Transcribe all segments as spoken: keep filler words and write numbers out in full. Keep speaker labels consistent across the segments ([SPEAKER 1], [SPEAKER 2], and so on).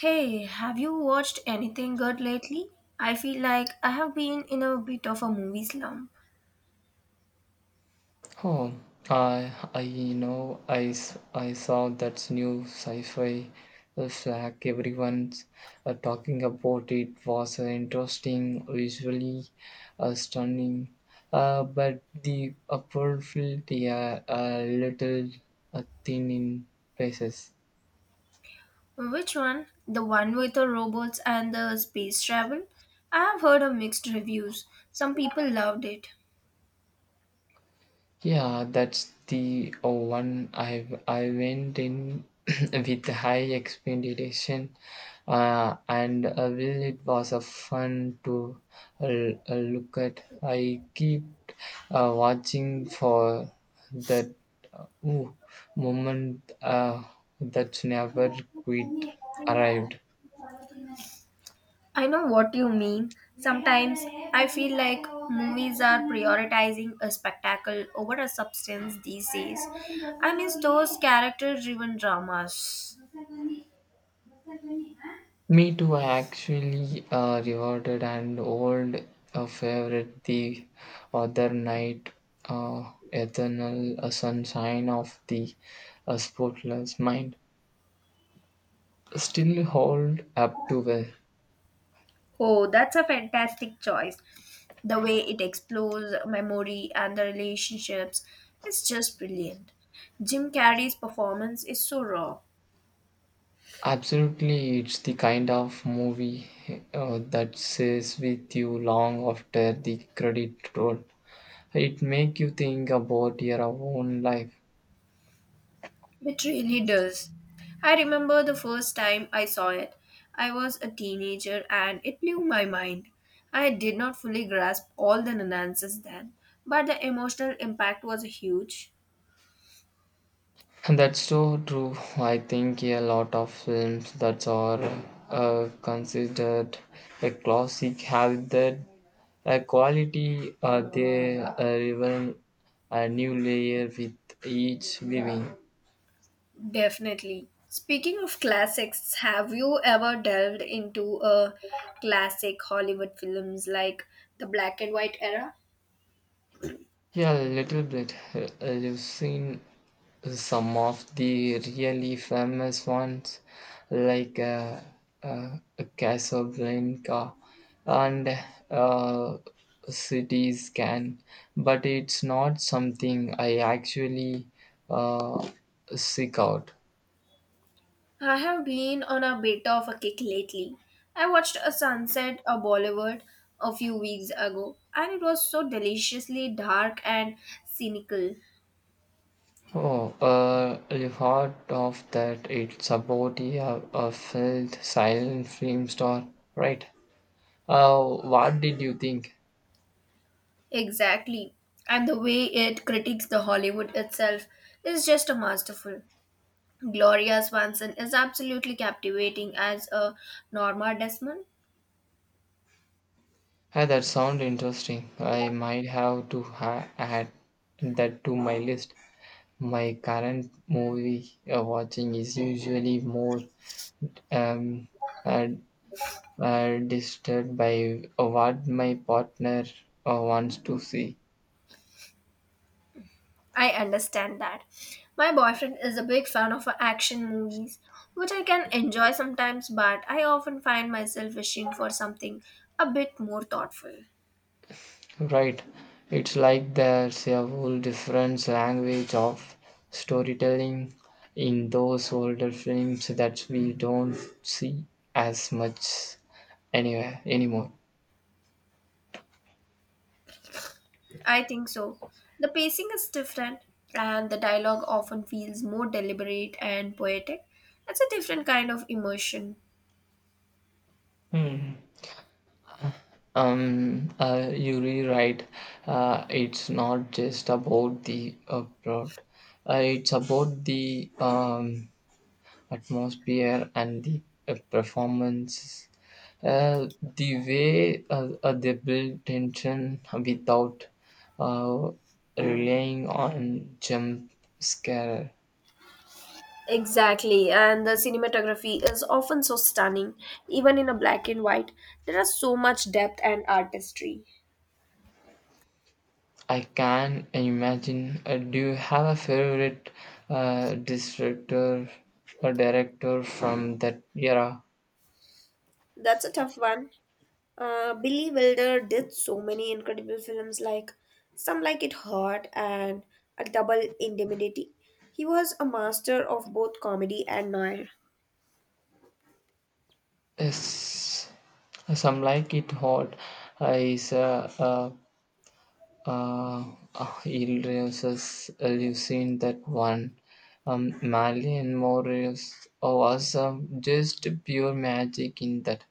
[SPEAKER 1] Hey, have you watched anything good lately? I feel like I have been in a bit of a movie slump.
[SPEAKER 2] Oh, I, I you know, I, s- I saw that new sci-fi flag. Everyone's uh, talking about it, was uh, interesting, visually uh, stunning, uh, but the upper field, yeah, a little uh, thin in places.
[SPEAKER 1] Which one? The one with the robots and the space travel? I have heard of mixed reviews. Some people loved it.
[SPEAKER 2] Yeah, that's the uh, one I I went in with high expectation, uh, and uh, well, it was a fun to uh, uh, look at. I keep uh, watching for that uh, ooh, moment uh, that's never quite arrived.
[SPEAKER 1] I know what you mean. Sometimes I feel like movies are prioritizing a spectacle over a substance these days. I miss those character driven dramas.
[SPEAKER 2] Me too. I actually uh, rewarded an old uh, favorite the other night, uh, Eternal uh, Sunshine of the uh, Spotless Mind. Still hold up to well.
[SPEAKER 1] Oh, that's a fantastic choice. The way it explores memory and the relationships is just brilliant. Jim Carrey's performance is so raw.
[SPEAKER 2] Absolutely, it's the kind of movie uh, that stays with you long after the credit roll. It make you think about your own life.
[SPEAKER 1] It really does. I remember the first time I saw it. I was a teenager and it blew my mind. I did not fully grasp all the nuances then, but the emotional impact was huge.
[SPEAKER 2] And that's so true. I think a lot of films that are uh, considered a classic have that a quality, uh, they uh, even a new layer with each viewing.
[SPEAKER 1] Definitely. Speaking of classics, have you ever delved into a classic Hollywood films like the black and white era?
[SPEAKER 2] Yeah, a little bit. Uh, You've seen some of the really famous ones, like uh, uh, Casablanca and uh, City Scan, but it's not something I actually uh, seek out.
[SPEAKER 1] I have been on a bit of a kick lately. I watched A Sunset of Bollywood a few weeks ago and it was so deliciously dark and cynical.
[SPEAKER 2] Oh, uh, you heard of that? It's about a, a failed silent film star, right? Uh, what did you think?
[SPEAKER 1] Exactly. And the way it critiques the Hollywood itself is just a masterful. Gloria Swanson is absolutely captivating as a Norma Desmond.
[SPEAKER 2] Hey, that sounds interesting. I might have to ha- add that to my list. My current movie uh, watching is usually more um, uh, uh, disturbed by what my partner uh, wants to see.
[SPEAKER 1] I understand that. My boyfriend is a big fan of action movies, which I can enjoy sometimes, but I often find myself wishing for something a bit more thoughtful.
[SPEAKER 2] Right. It's like there's a whole different language of storytelling in those older films that we don't see as much anywhere anymore.
[SPEAKER 1] I think so. The pacing is different, and the dialogue often feels more deliberate and poetic. It's a different kind of emotion.
[SPEAKER 2] Hmm. Um, uh, you rewrite. Uh, it's not just about the uh, plot. Uh, it's about the um, atmosphere and the uh, performances. Uh, the way uh, uh, they build tension without uh, relying on jump scare.
[SPEAKER 1] Exactly, and the cinematography is often so stunning, even in a black and white. There is so much depth and artistry.
[SPEAKER 2] I can imagine. Uh, do you have a favorite uh, director or director from that era?
[SPEAKER 1] That's a tough one. Uh, Billy Wilder did so many incredible films like Some Like It Hot and A Double Indemnity. He was a master of both comedy and noir.
[SPEAKER 2] Yes, some like it hot uh, is a uh, uh, uh, illnesses. Uh, you've seen that one. Um, Malian Morris was um, just pure magic in that.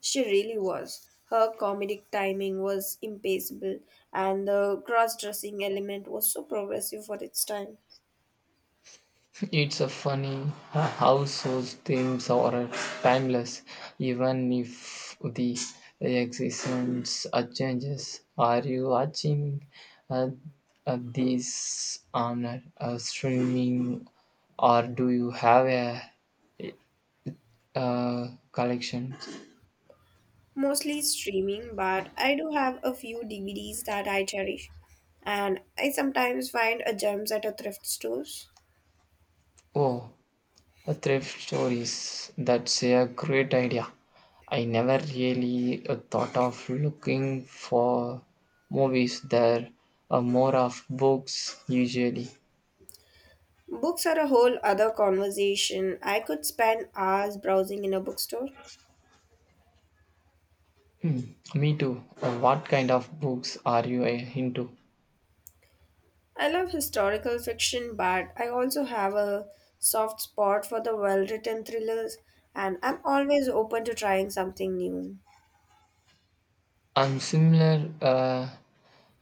[SPEAKER 1] She really was. Her comedic timing was impeccable, and the cross dressing element was so progressive for its time.
[SPEAKER 2] It's a funny uh, how those themes are timeless, even if the existence uh, changes. Are you watching uh, uh, this on a, a streaming, or do you have a, uh collection?
[SPEAKER 1] Mostly streaming, but I do have a few D V Ds that I cherish, and I sometimes find a gems at a thrift stores.
[SPEAKER 2] Oh, a thrift stories. That's a great idea. I never really uh, thought of looking for movies there, uh, more of books usually.
[SPEAKER 1] Books are a whole other conversation. I could spend hours browsing in a bookstore.
[SPEAKER 2] Me too. Uh, What kind of books are you uh, into?
[SPEAKER 1] I love historical fiction, but I also have a soft spot for the well-written thrillers, and I'm always open to trying something new.
[SPEAKER 2] I'm similar. Uh,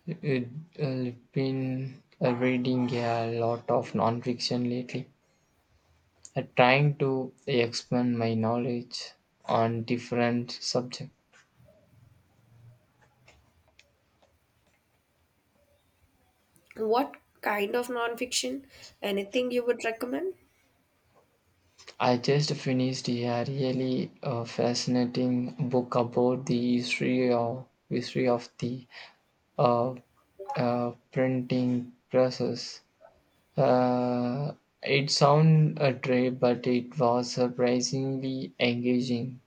[SPEAKER 2] uh, I've been uh, reading a lot of nonfiction lately, uh, trying to expand my knowledge on different subjects.
[SPEAKER 1] What kind of nonfiction? Anything you would recommend?
[SPEAKER 2] I just finished a really uh, fascinating book about the history of history of the uh, uh, printing process. Uh, it sounded a trip, but it was surprisingly engaging.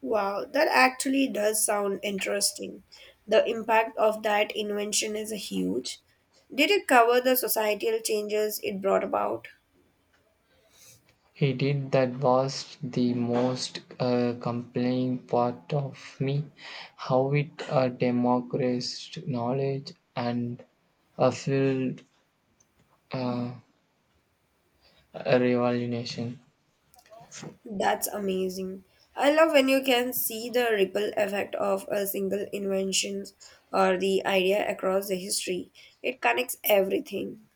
[SPEAKER 1] Wow, that actually does sound interesting. The impact of that invention is huge. Did it cover the societal changes it brought about?
[SPEAKER 2] He did, that was the most uh, compelling part of me, how it uh, democratized knowledge and a filled uh, a revolution.
[SPEAKER 1] That's amazing. I love when you can see the ripple effect of a single invention or the idea across the history. It connects everything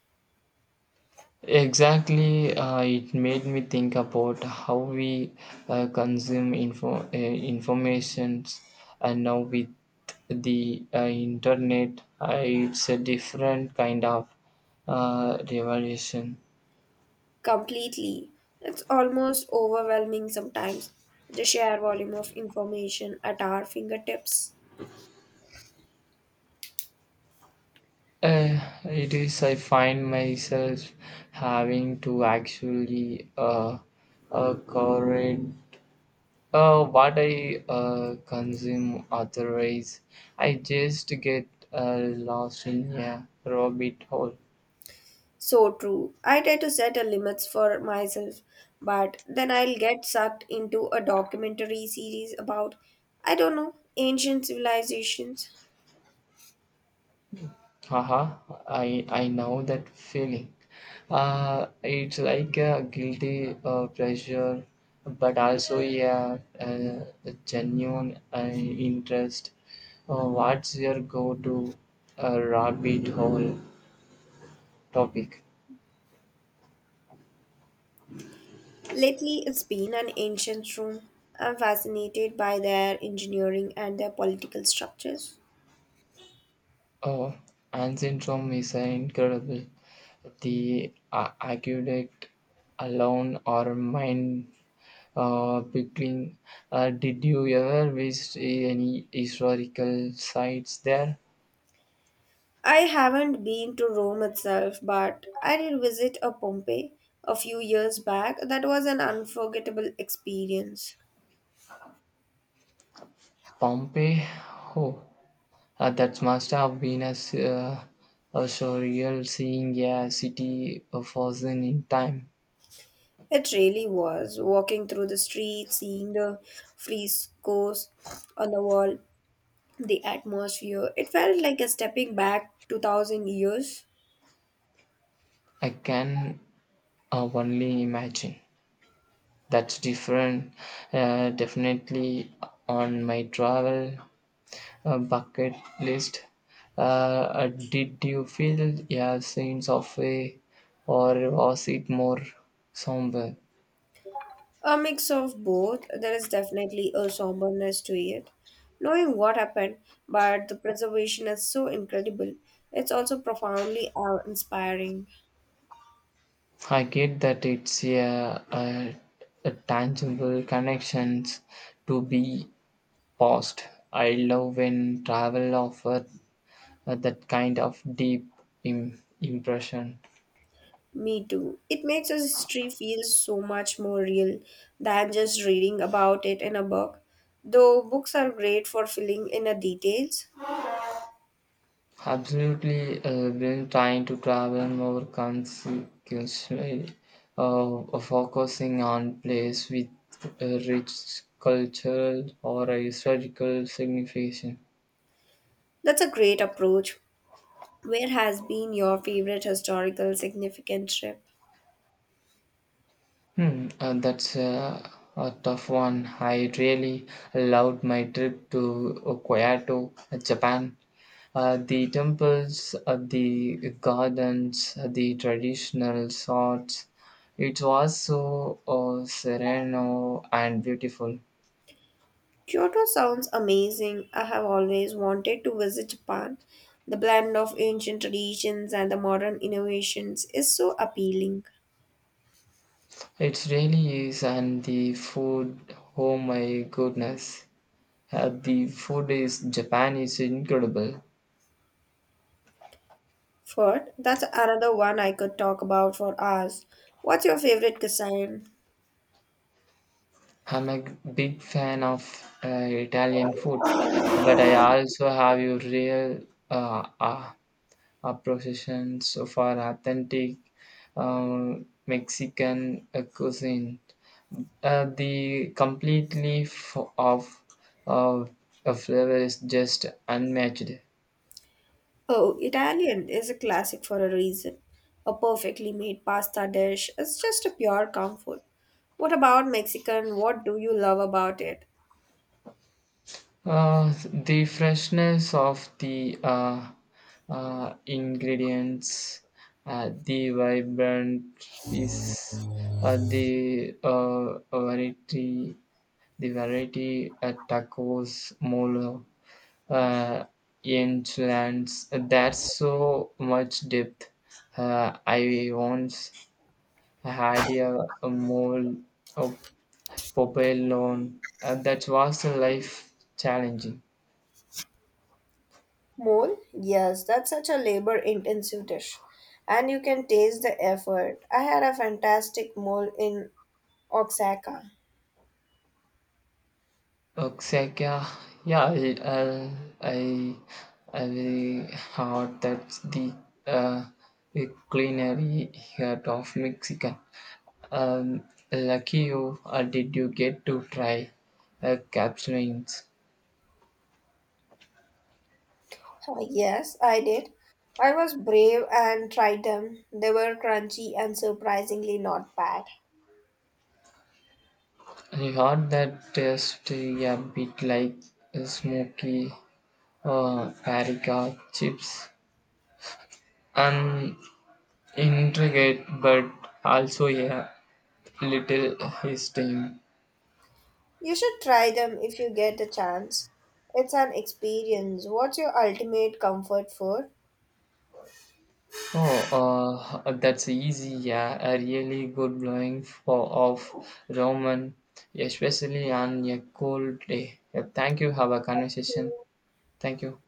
[SPEAKER 2] Exactly, uh, it made me think about how we uh, consume info uh, informations, and now with the uh, internet, uh, it's a different kind of uh, revolution.
[SPEAKER 1] completely. It's almost overwhelming sometimes, the sheer volume of information at our fingertips.
[SPEAKER 2] Uh, it is. I find myself having to actually uh, uh, correct Uh, what I uh, consume, otherwise I just get uh, lost in a rabbit hole.
[SPEAKER 1] So true. I try to set a limits for myself, but then I'll get sucked into a documentary series about, I don't know, ancient civilizations.
[SPEAKER 2] Haha, I, I know that feeling. Uh, it's like a guilty uh, pleasure, but also a, a, a genuine uh, interest. Uh, what's your go to uh, rabbit hole topic?
[SPEAKER 1] Lately, it's been an ancient room. I'm fascinated by their engineering and their political structures.
[SPEAKER 2] Oh, Ancient Rome is uh, incredible. The uh, aqueduct alone or mind uh, boggling. Uh, did you ever visit any historical sites there?
[SPEAKER 1] I haven't been to Rome itself, but I did visit a Pompeii a few years back. That was an unforgettable experience.
[SPEAKER 2] Pompeii? Oh, uh, that must have been a, s- uh, a surreal, seeing a city uh, frozen in time.
[SPEAKER 1] It really was. Walking through the streets, seeing the frescoes on the wall, the atmosphere, it felt like a stepping back two thousand years.
[SPEAKER 2] I can uh, only imagine. That's different. Uh, definitely on my travel uh, bucket list. Uh, uh, did you feel a sense of way, or was it more somber?
[SPEAKER 1] A mix of both. There is definitely a somberness to it, knowing what happened, but the preservation is so incredible. It's also profoundly awe inspiring.
[SPEAKER 2] I get that, it's a, a, a tangible connections to be paused. I love when travel offers that kind of deep im- impression.
[SPEAKER 1] Me too. It makes us history feel so much more real than just reading about it in a book. Though books are great for filling in the details,
[SPEAKER 2] Absolutely, uh, when trying to travel more consequently, uh, uh, focusing on place with a rich cultural or historical signification.
[SPEAKER 1] that's a great approach. Where has been your favorite historical significant trip?
[SPEAKER 2] Hmm, uh, that's uh, a tough one. I really loved my trip to Kyoto, Japan. Uh, the temples, uh, the gardens, uh, the traditional sorts. It was so uh, sereno and beautiful.
[SPEAKER 1] Kyoto sounds amazing. I have always wanted to visit Japan. The blend of ancient traditions and the modern innovations is so appealing.
[SPEAKER 2] It really is, and the food, oh my goodness. Uh, the food is Japan is incredible.
[SPEAKER 1] Food, that's another one I could talk about for hours. What's your favorite cuisine?
[SPEAKER 2] I'm a a big fan of uh, Italian food, but I also have a real uh, uh, our processions of our authentic um, Mexican uh, cuisine. Uh, the completely f- of of a flavor is just unmatched.
[SPEAKER 1] Oh, Italian is a classic for a reason. A perfectly made pasta dish is just a pure comfort. What about Mexican? What do you love about it?
[SPEAKER 2] Uh, the freshness of the uh, uh, ingredients, uh, the vibrant piece, uh, the uh, variety, the variety at tacos, mole, uh, lands. That's so much depth. Uh, I once had a, a mole, of purple loan, uh, that was a life challenging.
[SPEAKER 1] Mole? Yes, that's such a labor intensive dish. And you can taste the effort. I had a fantastic mole in Oaxaca.
[SPEAKER 2] Exactly. Yeah, yeah. I, uh, I, I really heard that the uh, the culinary heart of Mexican. Um, Lucky you, uh, did you get to try uh, capsulines?
[SPEAKER 1] Oh, yes, I did. I was brave and tried them. They were crunchy and surprisingly not bad.
[SPEAKER 2] I heard that tastes a bit like smoky uh, paprika chips, and intricate but also a little hissing.
[SPEAKER 1] You should try them if you get the chance. It's an experience. What's your ultimate comfort food?
[SPEAKER 2] Oh, uh, that's easy, yeah. A really good blowing for of Roman, especially on a cold day. Yeah, thank you. Have a conversation. Thank you.